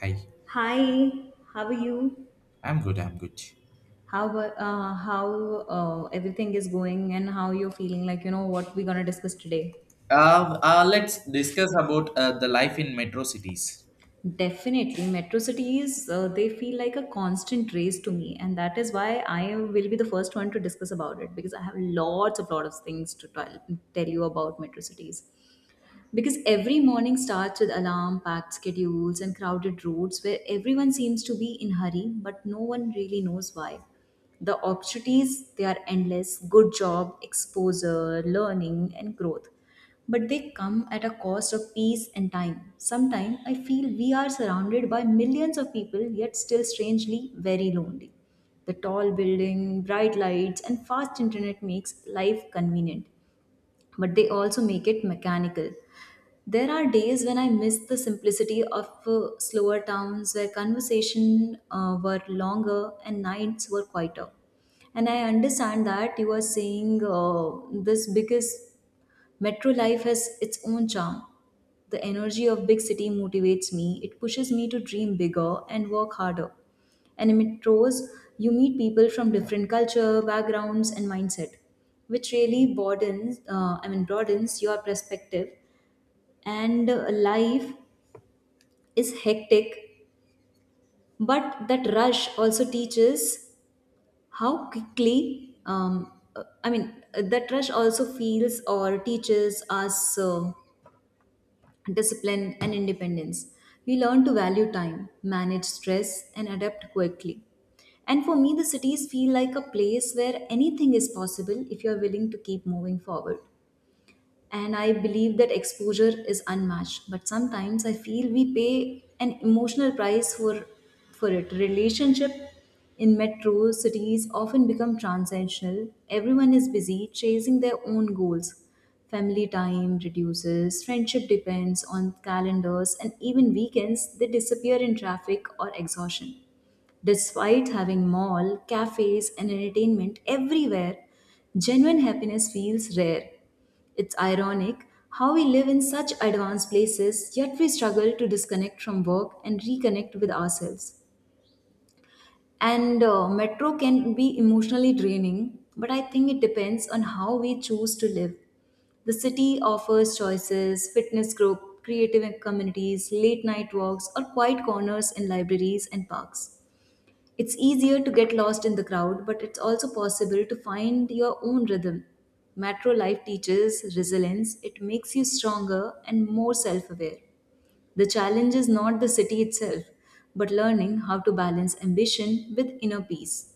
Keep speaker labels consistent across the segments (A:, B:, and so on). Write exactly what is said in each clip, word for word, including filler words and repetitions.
A: Hi,
B: Hi, how are you?
A: I'm good. I'm good.
B: How about- uh, how uh, everything is going and how you're feeling? Like you know what we're gonna discuss today.
A: Uh, uh, let's discuss about uh, the life in metro cities.
B: Definitely, metro cities uh, they feel like a constant race to me, and that is why I will be the first one to discuss about it because I have lots of lot of things to tell, tell you about metro cities. Because every morning starts with alarm, packed schedules, and crowded roads where everyone seems to be in hurry, but no one really knows why. The opportunities, they are endless good job, exposure, learning, and growth. But they come at a cost of peace and time. Sometimes I feel we are surrounded by millions of people, yet still strangely very lonely. The tall building, bright lights, and fast internet makes life convenient, but they also make it mechanical. There are days when I miss the simplicity of uh, slower towns where conversation uh, were longer and nights were quieter. And I understand that you are saying uh, this because metro life has its own charm. The energy of big city motivates me. It pushes me to dream bigger and work harder. And in metros, you meet people from different culture, backgrounds, and mindset, which really broadens, uh, I mean, broadens your perspective. And uh, life is hectic, but that rush also teaches how quickly. Um, uh, I mean, uh, that rush also feels or teaches us Uh, discipline and independence. We learn to value time, manage stress, and adapt quickly. And for me, the cities feel like a place where anything is possible if you are willing to keep moving forward, and I believe that exposure is unmatched. But sometimes I feel we pay an emotional price for for it. Relationship in metro cities often become transactional. Everyone is busy chasing their own goals. Family time reduces, friendship depends on calendars, and even weekends they disappear in traffic or exhaustion. Despite having mall, cafes, and entertainment everywhere, genuine happiness feels rare. It's ironic how we live in such advanced places, yet we struggle to disconnect from work and reconnect with ourselves. And uh, metro can be emotionally draining, but I think it depends on how we choose to live. The city offers choices, fitness group, creative communities, late night walks, or quiet corners in libraries and parks. It's easier to get lost in the crowd, but it's also possible to find your own rhythm. Metro life teaches resilience, it makes you stronger and more self aware. The challenge is not the city itself, but learning how to balance ambition with inner peace.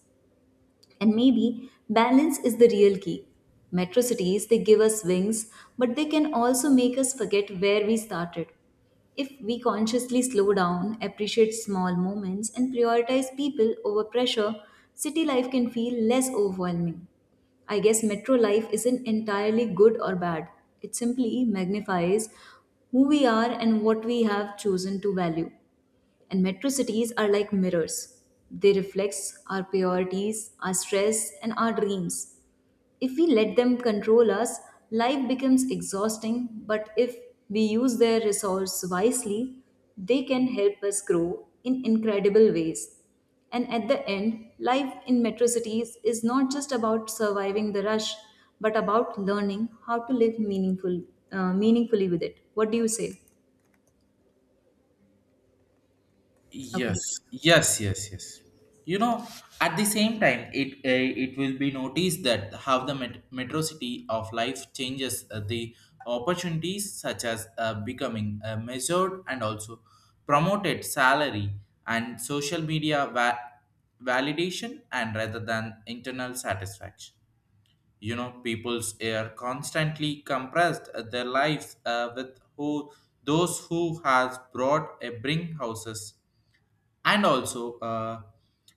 B: And maybe balance is the real key. Metro cities, they give us wings, but they can also make us forget where we started. If we consciously slow down, appreciate small moments, and prioritize people over pressure, city life can feel less overwhelming. I guess metro life isn't entirely good or bad, it simply magnifies who we are and what we have chosen to value. And metro cities are like mirrors. They reflect our priorities, our stress, and our dreams. If we let them control us, life becomes exhausting, but if we use their resource wisely, they can help us grow in incredible ways. And at the end, life in metro cities is not just about surviving the rush, but about learning how to live meaningful, uh, meaningfully with it. What do you say? Okay.
A: Yes, yes, yes, yes. You know, at the same time, it uh, it will be noticed that how the met- metro city of life changes uh, the opportunities, such as uh, becoming uh, measured and also promoted salary and social media va- validation, and rather than internal satisfaction. You know, people's are constantly compressed uh, their lives uh, with who those who has brought a bring houses and also uh,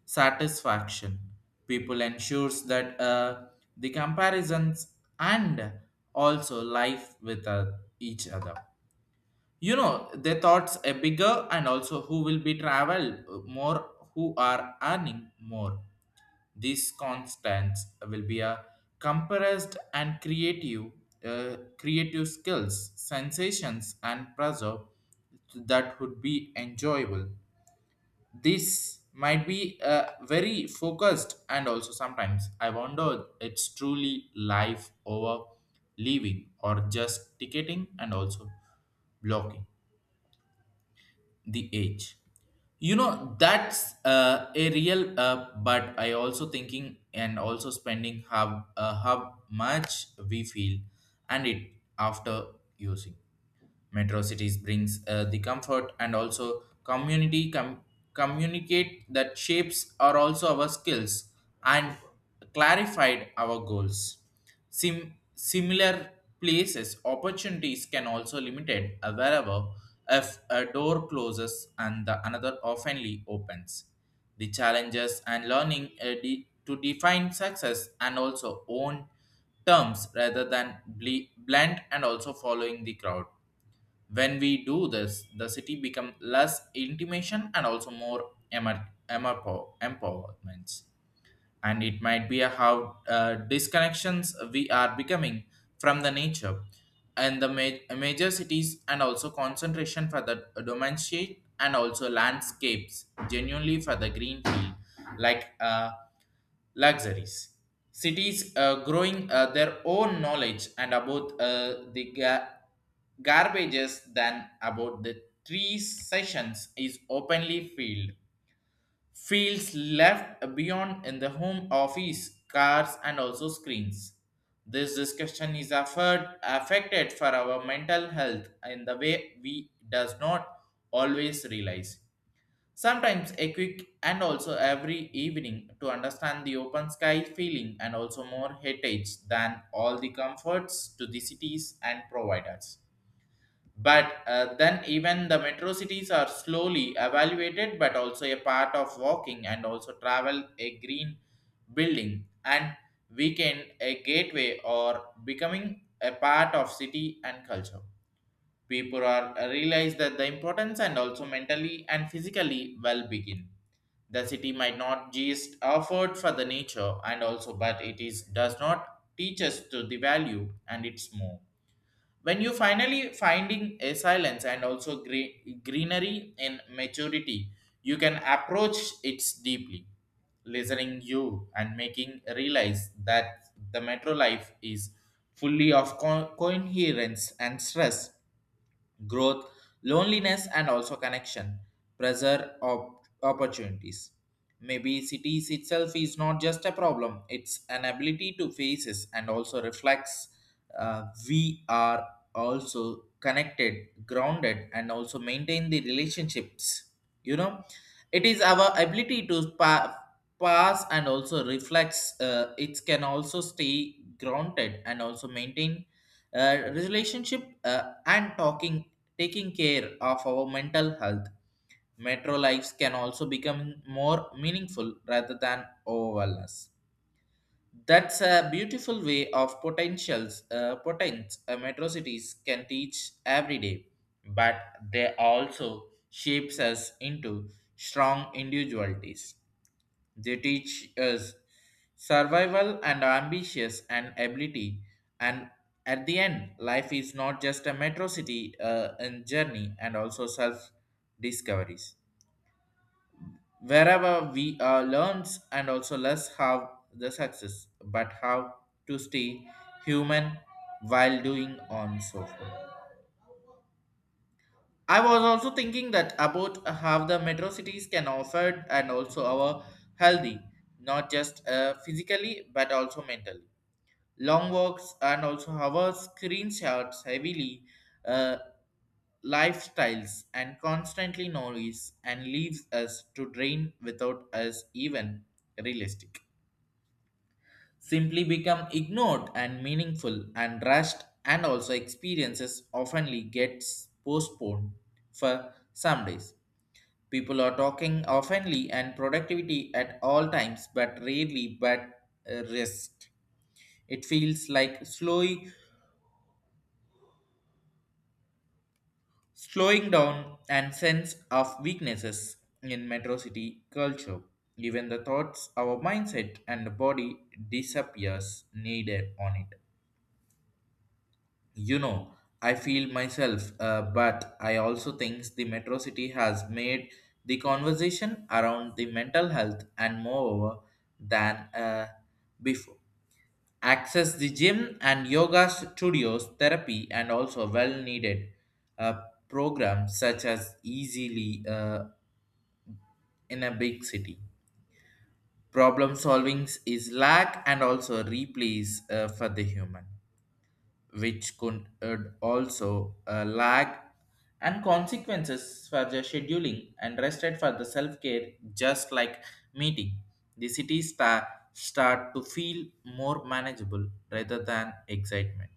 A: satisfaction people ensures that uh, the comparisons and also life with uh, each other. You know, their thoughts are bigger and also who will be travel more, who are earning more. These constants will be a compressed and creative, uh, creative skills, sensations, and pressure that would be enjoyable. This might be uh, very focused, and also sometimes I wonder it's truly life over living or just ticketing and also blocking the age. You know, that's uh, a real uh, but I also thinking and also spending how uh, how much we feel and it after using. Metro cities brings uh, the comfort and also community com- communicate that shapes are also our skills and clarified our goals. Sim- similar places opportunities can also limited uh, wherever if a door closes and the another oftenly opens. The challenges and learning uh, de- to define success and also own terms rather than ble- blend and also following the crowd. When we do this, the city become less intimation and also more emer- emerpo- empowerments. And it might be a how uh, disconnections we are becoming from the nature and the ma- major cities and also concentration for the domain sheet and also landscapes genuinely for the green field like uh, luxuries. Cities uh, growing uh, their own knowledge and about uh, the ga- garbages than about the three sessions is openly field. Fields left beyond in the home office, cars, and also screens. This discussion is afford, affected for our mental health in the way we does not always realize. Sometimes a quick and also every evening to understand the open sky feeling and also more heritage than all the comforts to the cities and providers. But uh, then even the metro cities are slowly evaluated but also a part of walking and also travel a green building and weekend a gateway or becoming a part of city and culture. People are uh, realize that the importance and also mentally and physically well begin. The city might not just afford for the nature and also, but it is does not teach us to the value and its more when you finally finding a silence and also gre- greenery in maturity. You can approach it deeply listening you and making realize that the metro life is fully of co- coherence and stress, growth, loneliness, and also connection, pressure, op- opportunities. Maybe cities itself is not just a problem, it's an ability to faces and also reflects uh, we are also connected, grounded, and also maintain the relationships. You know, it is our ability to pa- pass and also reflects, uh, it can also stay grounded and also maintain uh, relationship uh, and talking. Taking care of our mental health, metro lives can also become more meaningful rather than overwhelmness. That's a beautiful way of potentials, uh, potents uh, metro cities can teach every day, but they also shapes us into strong individualities. They teach us survival and ambitions and ability. And at the end, life is not just a metro city uh, and journey and also self discoveries. Wherever we uh, learns and also less how the success, but how to stay human while doing on so forth. I was also thinking that about how the metro cities can offer and also our healthy, not just uh, physically but also mentally. Long walks and also our screenshots heavily uh, lifestyles and constantly noise and leaves us to drain without us even realistic. Simply become ignored and meaningful and rushed and also experiences oftenly gets postponed for some days. People are talking oftenly and productivity at all times, but rarely but uh, rest. It feels like slowly slowing down and sense of weaknesses in metro city culture. Even the thoughts, our mindset and the body disappears needed on it. You know, I feel myself uh, but I also think the metro city has made the conversation around the mental health and more than uh, before access the gym and yoga studios therapy and also well needed uh, programs such as easily uh, in a big city. Problem solving is lack and also replace uh, for the human which could uh, also uh, lag and consequences for the scheduling and rested for the self-care, just like meeting. The cities sta- start to feel more manageable rather than excitement.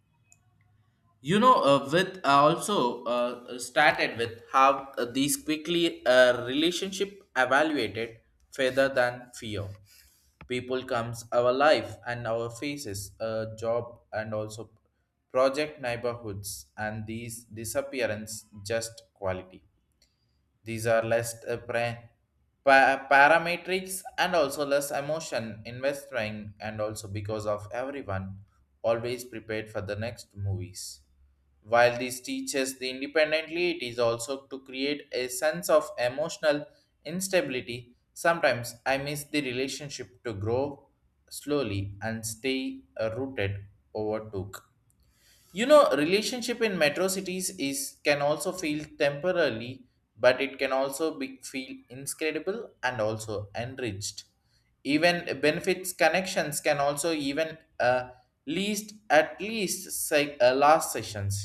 A: You know, uh, with uh, also uh, started with how uh, these quickly uh, relationship evaluated further than fear. People comes our life and our faces, uh, job and also project neighborhoods, and these disappearance just quality. These are less uh, pra- pa- parametrics and also less emotion investing, and also because of everyone always prepared for the next movies. While this teaches the independently, it is also to create a sense of emotional instability. Sometimes I miss the relationship to grow slowly and stay uh, rooted overtook. You know, relationship in metro cities is can also feel temporarily, but it can also be feel incredible and also enriched. Even benefits connections can also even uh, least at least say, uh, last sessions.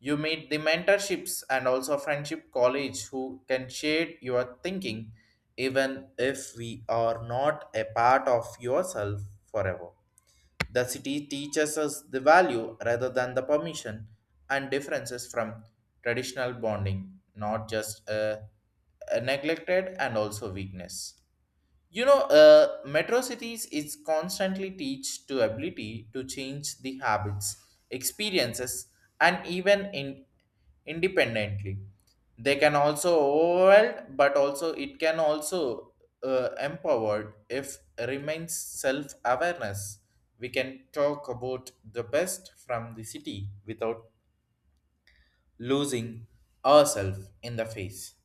A: You meet the mentorships and also friendship college who can share your thinking, even if we are not a part of yourself forever. The city teaches us the value rather than the permission and differences from traditional bonding, not just a, a neglected and also weakness. You know, uh, metro cities is constantly teach to ability to change the habits, experiences, and even in independently. They can also overwhelmed, but also it can also uh, empowered if remains self awareness. We can talk about the best from the city without losing ourselves in the face.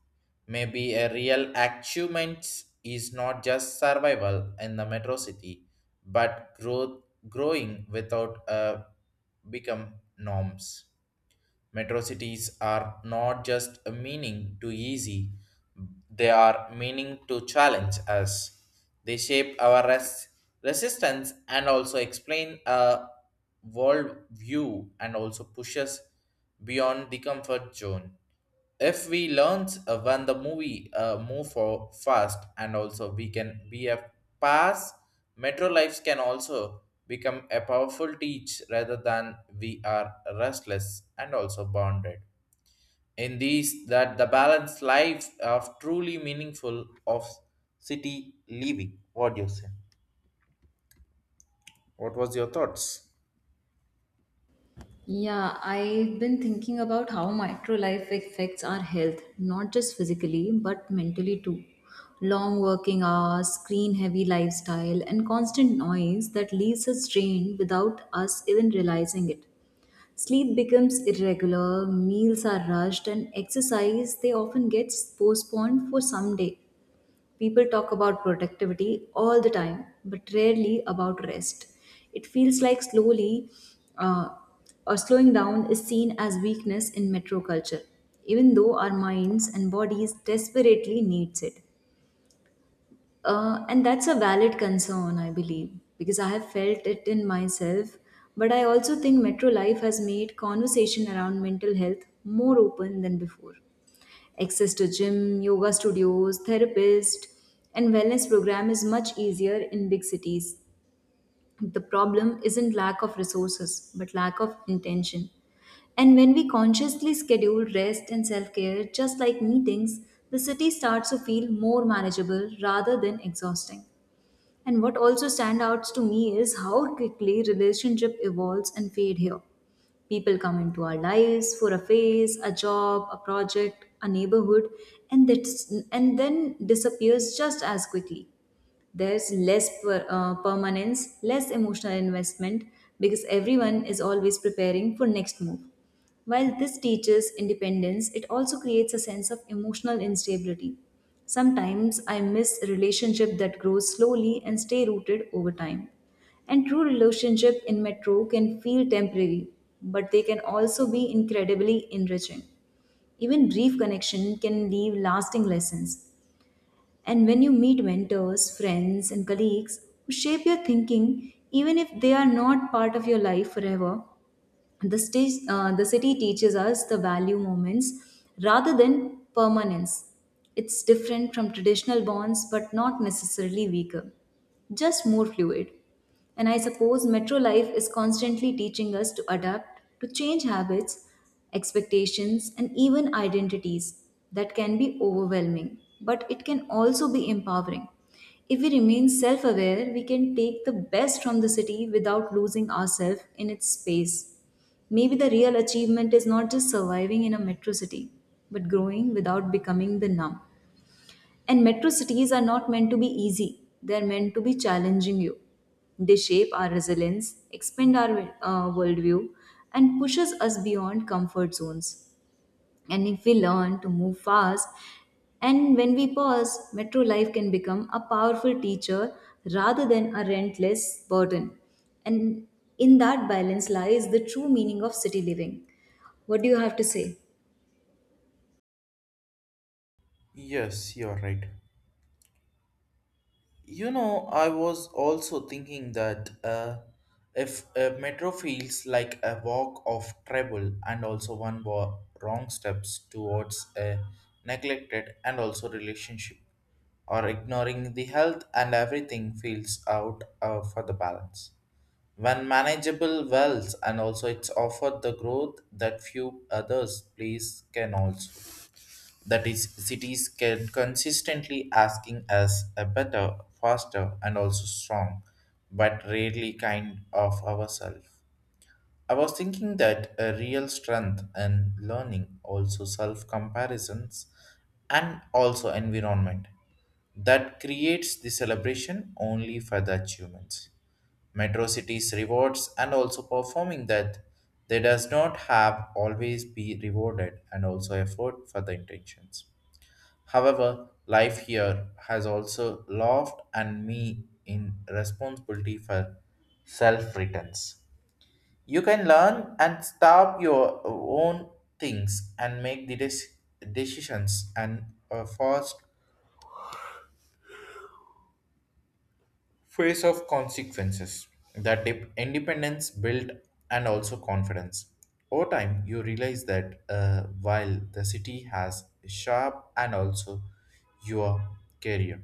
A: Maybe a real achievement is not just survival in the metro city, but growth growing without uh, become norms. Metro cities are not just a meaning to easy, they are meaning to challenge us. They shape our res- resistance and also explain a world view and also push us beyond the comfort zone. If we learn uh, when the movie uh, move for fast and also we can be a pass, metro lives can also become a powerful teach rather than we are restless and also bounded in these that the balanced life of truly meaningful of city living. What do you say? What was your thoughts?
B: Yeah, I've been thinking about how micro life affects our health, not just physically, but mentally too. Long working hours, screen heavy lifestyle, and constant noise that leaves us drained without us even realizing it. Sleep becomes irregular, meals are rushed, and exercise they often gets postponed for some day. People talk about productivity all the time, but rarely about rest. It feels like slowly uh, or slowing down is seen as weakness in metro culture, even though our minds and bodies desperately needs it. Uh, and that's a valid concern, I believe, because I have felt it in myself. But I also think metro life has made conversation around mental health more open than before. Access to gym, yoga studios, therapists, and wellness program is much easier in big cities. The problem isn't lack of resources, but lack of intention. And when we consciously schedule rest and self care, just like meetings, the city starts to feel more manageable rather than exhausting. And what also stands out to me is how quickly relationship evolves and fade here. People come into our lives for a phase, a job, a project, a neighborhood, and that's and then disappears just as quickly. There's less per, uh, permanence, less emotional investment because everyone is always preparing for next move. While this teaches independence, it also creates a sense of emotional instability. Sometimes I miss a relationship that grows slowly and stay rooted over time. And true relationship in metro can feel temporary, but they can also be incredibly enriching. Even brief connection can leave lasting lessons. And when you meet mentors, friends, and colleagues who shape your thinking, even if they are not part of your life forever, the, stage, uh, the city teaches us the value moments rather than permanence. It's different from traditional bonds, but not necessarily weaker, just more fluid. And I suppose metro life is constantly teaching us to adapt, to change habits, expectations, and even identities. That can be overwhelming, but it can also be empowering. If we remain self aware, we can take the best from the city without losing ourselves in its space. Maybe the real achievement is not just surviving in a metro city, but growing without becoming the numb. And metro cities are not meant to be easy, they are meant to be challenging you. They shape our resilience, expand our uh, worldview, and pushes us beyond comfort zones. And if we learn to move fast and when we pause, metro life can become a powerful teacher rather than a rentless burden. And in that balance lies the true meaning of city living. What do you have to say?
A: Yes, you're right. You know, I was also thinking that uh, if a metro feels like a walk of travel and also one wa- wrong steps towards a neglected and also relationship or ignoring the health and everything feels out uh, for the balance. When manageable wells and also it's offered the growth that few others please can also. That is, cities can consistently asking us a better, faster, and also strong, but rarely kind of ourselves. I was thinking that a real strength and learning, also self comparisons, and also environment that creates the celebration only for the achievements. Metro cities rewards and also performing that they does not have always be rewarded and also effort for the intentions. However, life here has also loved and me in responsibility for self returns. You can learn and stop your own things and make the des- decisions and a first phase of consequences. That dip- independence built and also confidence. Over time, you realize that uh, while the city has sharp and also your career,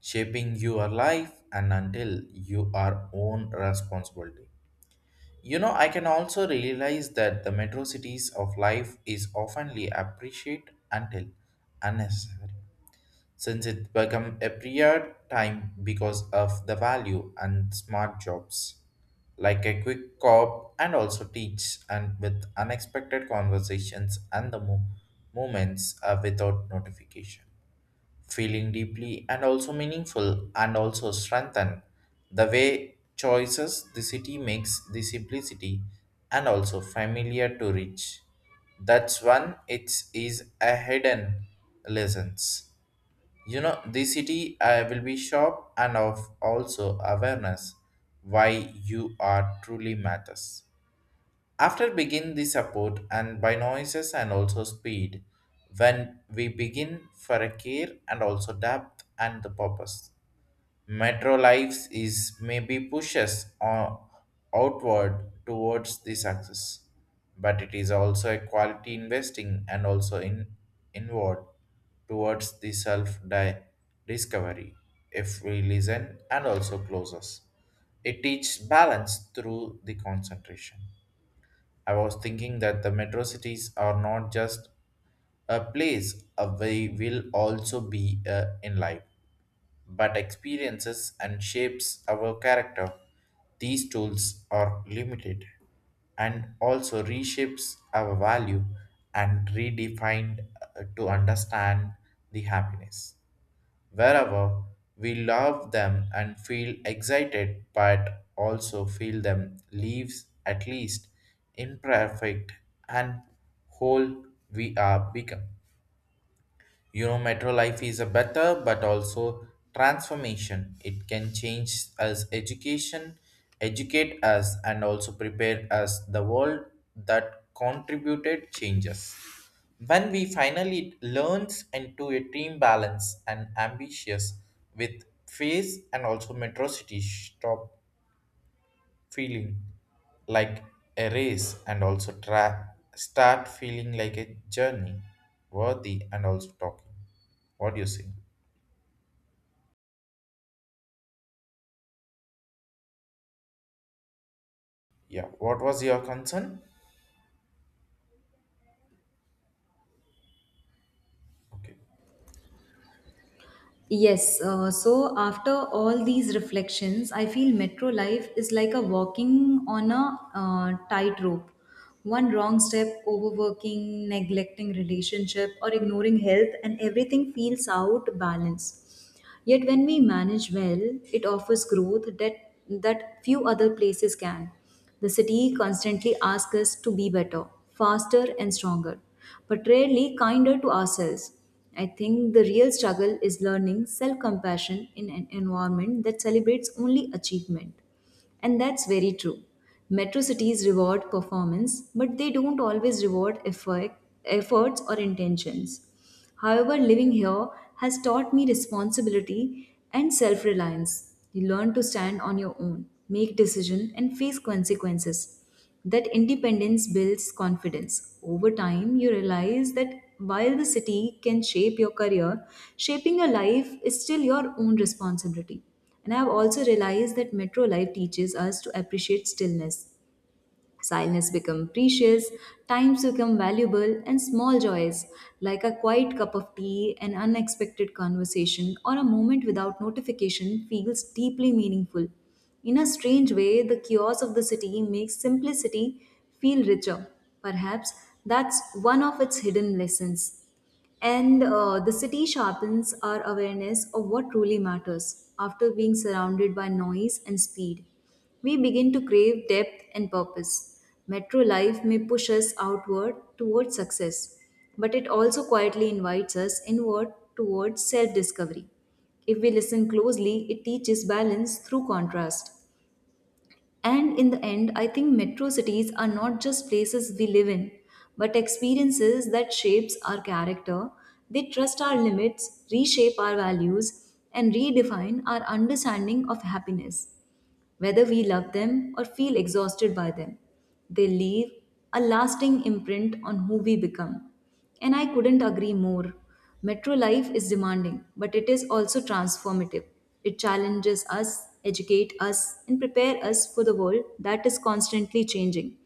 A: shaping your life and until you are own responsibility. You know, I can also realize that the metro cities of life is oftenly appreciated until unnecessary, since it become a period time because of the value and smart jobs, like a quick cop and also teach and with unexpected conversations and the mo- moments uh, without notification feeling deeply and also meaningful and also strengthen the way choices the city makes the simplicity and also familiar to reach. That's one it is a hidden lessons. You know, the city uh, will be sharp and of also awareness why you are truly matters after begin the support and by noises and also speed, when we begin for a care and also depth and the purpose. Metro lives is maybe pushes on outward towards the success, but it is also a quality investing and also in inward towards the self di- discovery. If we listen and also close us, it teaches balance through the concentration. I was thinking that the metro cities are not just a place uh, we will also be uh, in life, but experiences and shapes our character. These tools are limited and also reshapes our value and redefined uh, to understand the happiness wherever we love them and feel excited but also feel them leaves at least imperfect and whole we are become. You know, metro life is a better but also transformation, it can change us education, educate us and also prepare us the world that contributed changes when we finally learns into a team balance and ambitious with face and also metro city stop feeling like a race and also tra- start feeling like a journey worthy and also talking. What do you think? Yeah. What was your concern? Okay.
B: Yes, uh, so after all these reflections, I feel metro life is like a walking on a uh, tightrope. One wrong step, overworking, neglecting relationship, or ignoring health, and everything feels out balance. Yet when we manage well, it offers growth that, that few other places can. The city constantly asks us to be better, faster, and stronger, but rarely kinder to ourselves. I think the real struggle is learning self compassion in an environment that celebrates only achievement. And that's very true. Metro cities reward performance, but they don't always reward effort, efforts or intentions. However, living here has taught me responsibility and self reliance. You learn to stand on your own, make decisions, and face consequences. That independence builds confidence. Over time, you realize that while the city can shape your career, shaping your life is still your own responsibility. And I have also realized that metro life teaches us to appreciate stillness. Silence becomes precious, times become valuable, and small joys like a quiet cup of tea, an unexpected conversation, or a moment without notification feels deeply meaningful. In a strange way, the chaos of the city makes simplicity feel richer. Perhaps that's one of its hidden lessons. And uh, the city sharpens our awareness of what truly matters after being surrounded by noise and speed. We begin to crave depth and purpose. Metro life may push us outward towards success, but it also quietly invites us inward towards self discovery. If we listen closely, it teaches balance through contrast. And in the end, I think metro cities are not just places we live in, but experiences that shapes our character. They trust our limits, reshape our values, and redefine our understanding of happiness whether we love them or feel exhausted by them. They leave a lasting imprint on who we become. And I couldn't agree more. Metro life is demanding, but it is also transformative. It challenges us, educates us, and prepares us for the world that is constantly changing.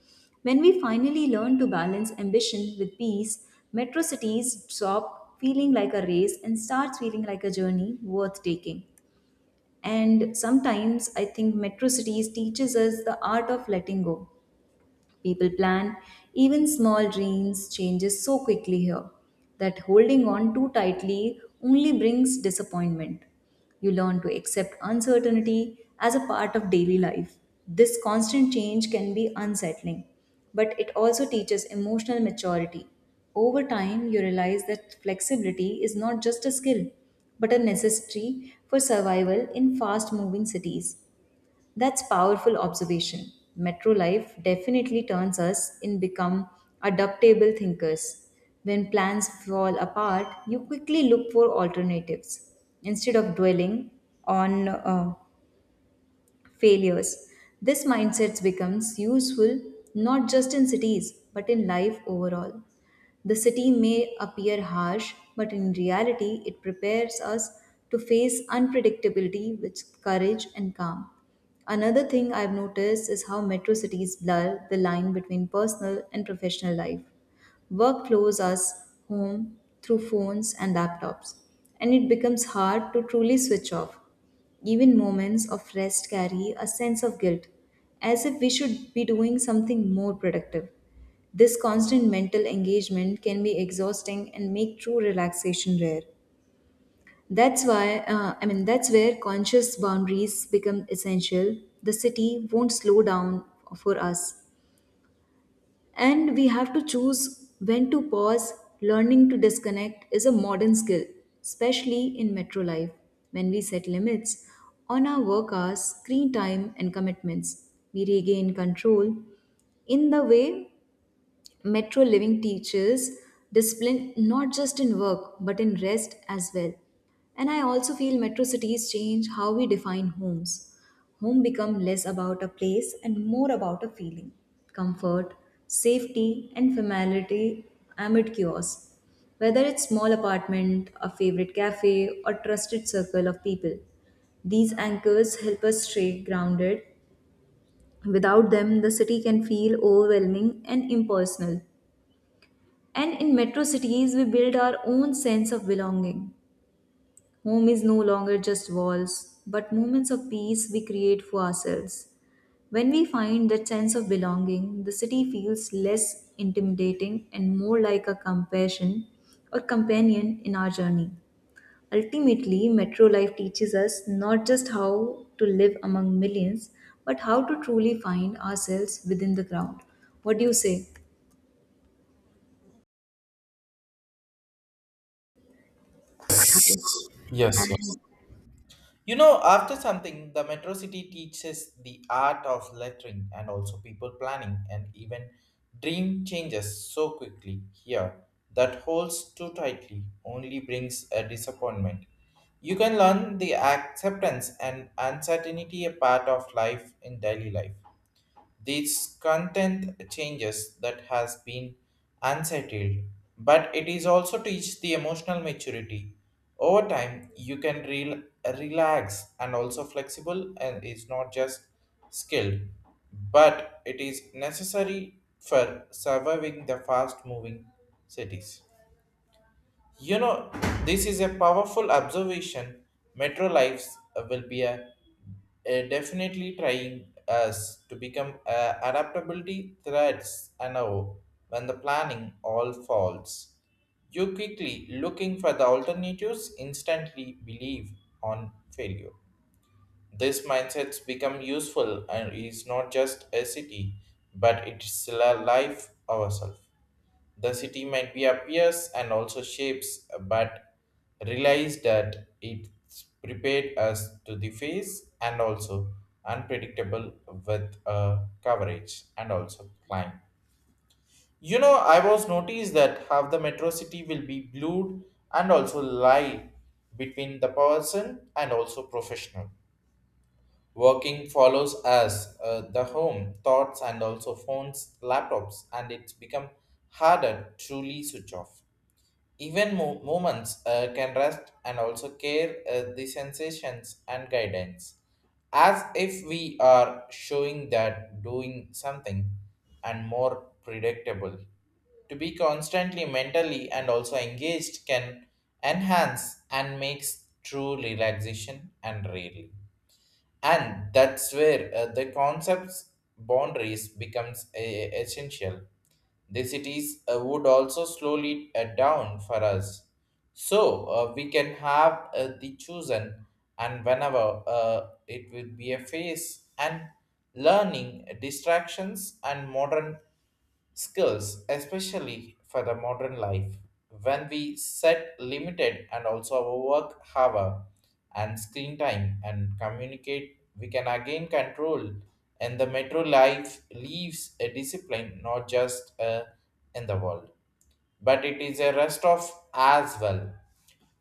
B: When we finally learn to balance ambition with peace, metro cities stop feeling like a race and starts feeling like a journey worth taking. And sometimes I think metro cities teaches us the art of letting go. People plan, even small dreams changes so quickly here that holding on too tightly only brings disappointment. You learn to accept uncertainty as a part of daily life. This constant change can be unsettling, but it also teaches emotional maturity. Over time, you realize that flexibility is not just a skill, but a necessity for survival in fast moving cities. That's powerful observation. Metro life definitely turns us in become adaptable thinkers. When plans fall apart, you quickly look for alternatives instead of dwelling on uh, failures. This mindset becomes useful not just in cities but in life overall. The city may appear harsh, but in reality, it prepares us to face unpredictability with courage and calm. Another thing I've noticed is how metro cities blur the line between personal and professional life. Work flows us home through phones and laptops, and it becomes hard to truly switch off. Even moments of rest carry a sense of guilt, as if we should be doing something more productive. This constant mental engagement can be exhausting and make true relaxation rare. That's why, uh, I mean, That's where conscious boundaries become essential. The city won't slow down for us. And we have to choose when to pause. Learning to disconnect is a modern skill, especially in metro life, when we set limits on our work hours, screen time, and commitments. We regain control in the way metro living teaches discipline not just in work but in rest as well. And I also feel metro cities change how we define homes. Home become less about a place and more about a feeling, comfort, safety and familiarity amid chaos. Whether it's small apartment, a favorite cafe or trusted circle of people. These anchors help us stay grounded. Without them, the city can feel overwhelming and impersonal. And in metro cities, we build our own sense of belonging. Home is no longer just walls, but moments of peace we create for ourselves. When we find that sense of belonging, the city feels less intimidating and more like a compassion or companion in our journey. Ultimately, metro life teaches us not just how to live among millions, but how to truly find ourselves within the crowd. What do you say? Okay.
A: Yes, yes.
B: And
A: You know, after something, the Metro City teaches the art of lettering and also people planning and even dream changes so quickly here that holds too tightly only brings a disappointment. You can learn the acceptance and uncertainty a part of life in daily life. This content changes that has been unsettled, but it is also teach the emotional maturity. Over time, you can rel- relax and also flexible, and it's not just skilled, but it is necessary for surviving the fast-moving cities. You know, this is a powerful observation. Metro Lives uh, will be a, a definitely trying us to become uh, adaptability threads. And now when the planning all falls. You quickly looking for the alternatives instantly believe on failure. This mindset's become useful and is not just a city, but it's a life ourselves. The city might be appears and also shapes, but realize that it's prepared us to the face and also unpredictable with uh, coverage and also climb. You know, I was noticed that half the metro city will be blued and also lie between the person and also professional. Working follows us, uh, the home, thoughts, and also phones, laptops, and it's become harder to truly switch off. Even mo- movements uh, can rest and also care uh, the sensations and guidance, as if we are showing that doing something and more predictable. To be constantly mentally and also engaged can enhance and makes true relaxation and really, and that's where uh, the concepts boundaries becomes a- essential the cities uh, would also slowly uh, down for us, so uh, we can have uh, the chosen and whenever uh, it will be a phase and learning uh, distractions and modern skills, especially for the modern life. When we set limited and also our work hour and screen time and communicate, we can again control. And the metro life leaves a discipline not just uh, in the world, but it is a rest of as well.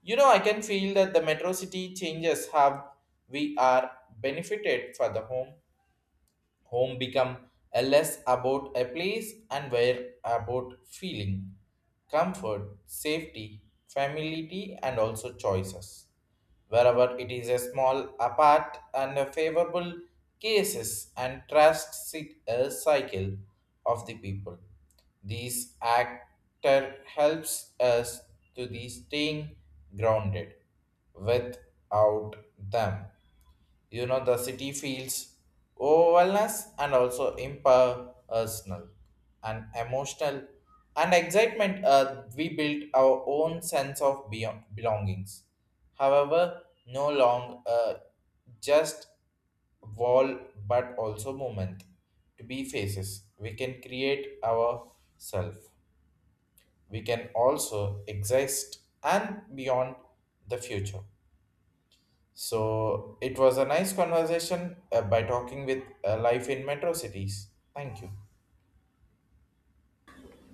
A: You know, I can feel that the metro city changes have we are benefited for the home. Home become a less about a place and where about feeling, comfort, safety, familiarity, and also choices. Wherever it is a small apart and a favorable cases and trust sit a cycle of the people. This actor helps us to the staying grounded without them. You know, the city feels overwhelmness and also impersonal and emotional and excitement. Uh, we built our own sense of beyond belongings. However, no long uh, just wall but also moment to be faces. We can create ourself. We can also exist and beyond the future. So it was a nice conversation uh, by talking with uh, life in metro cities. Thank you.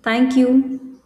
B: thank you.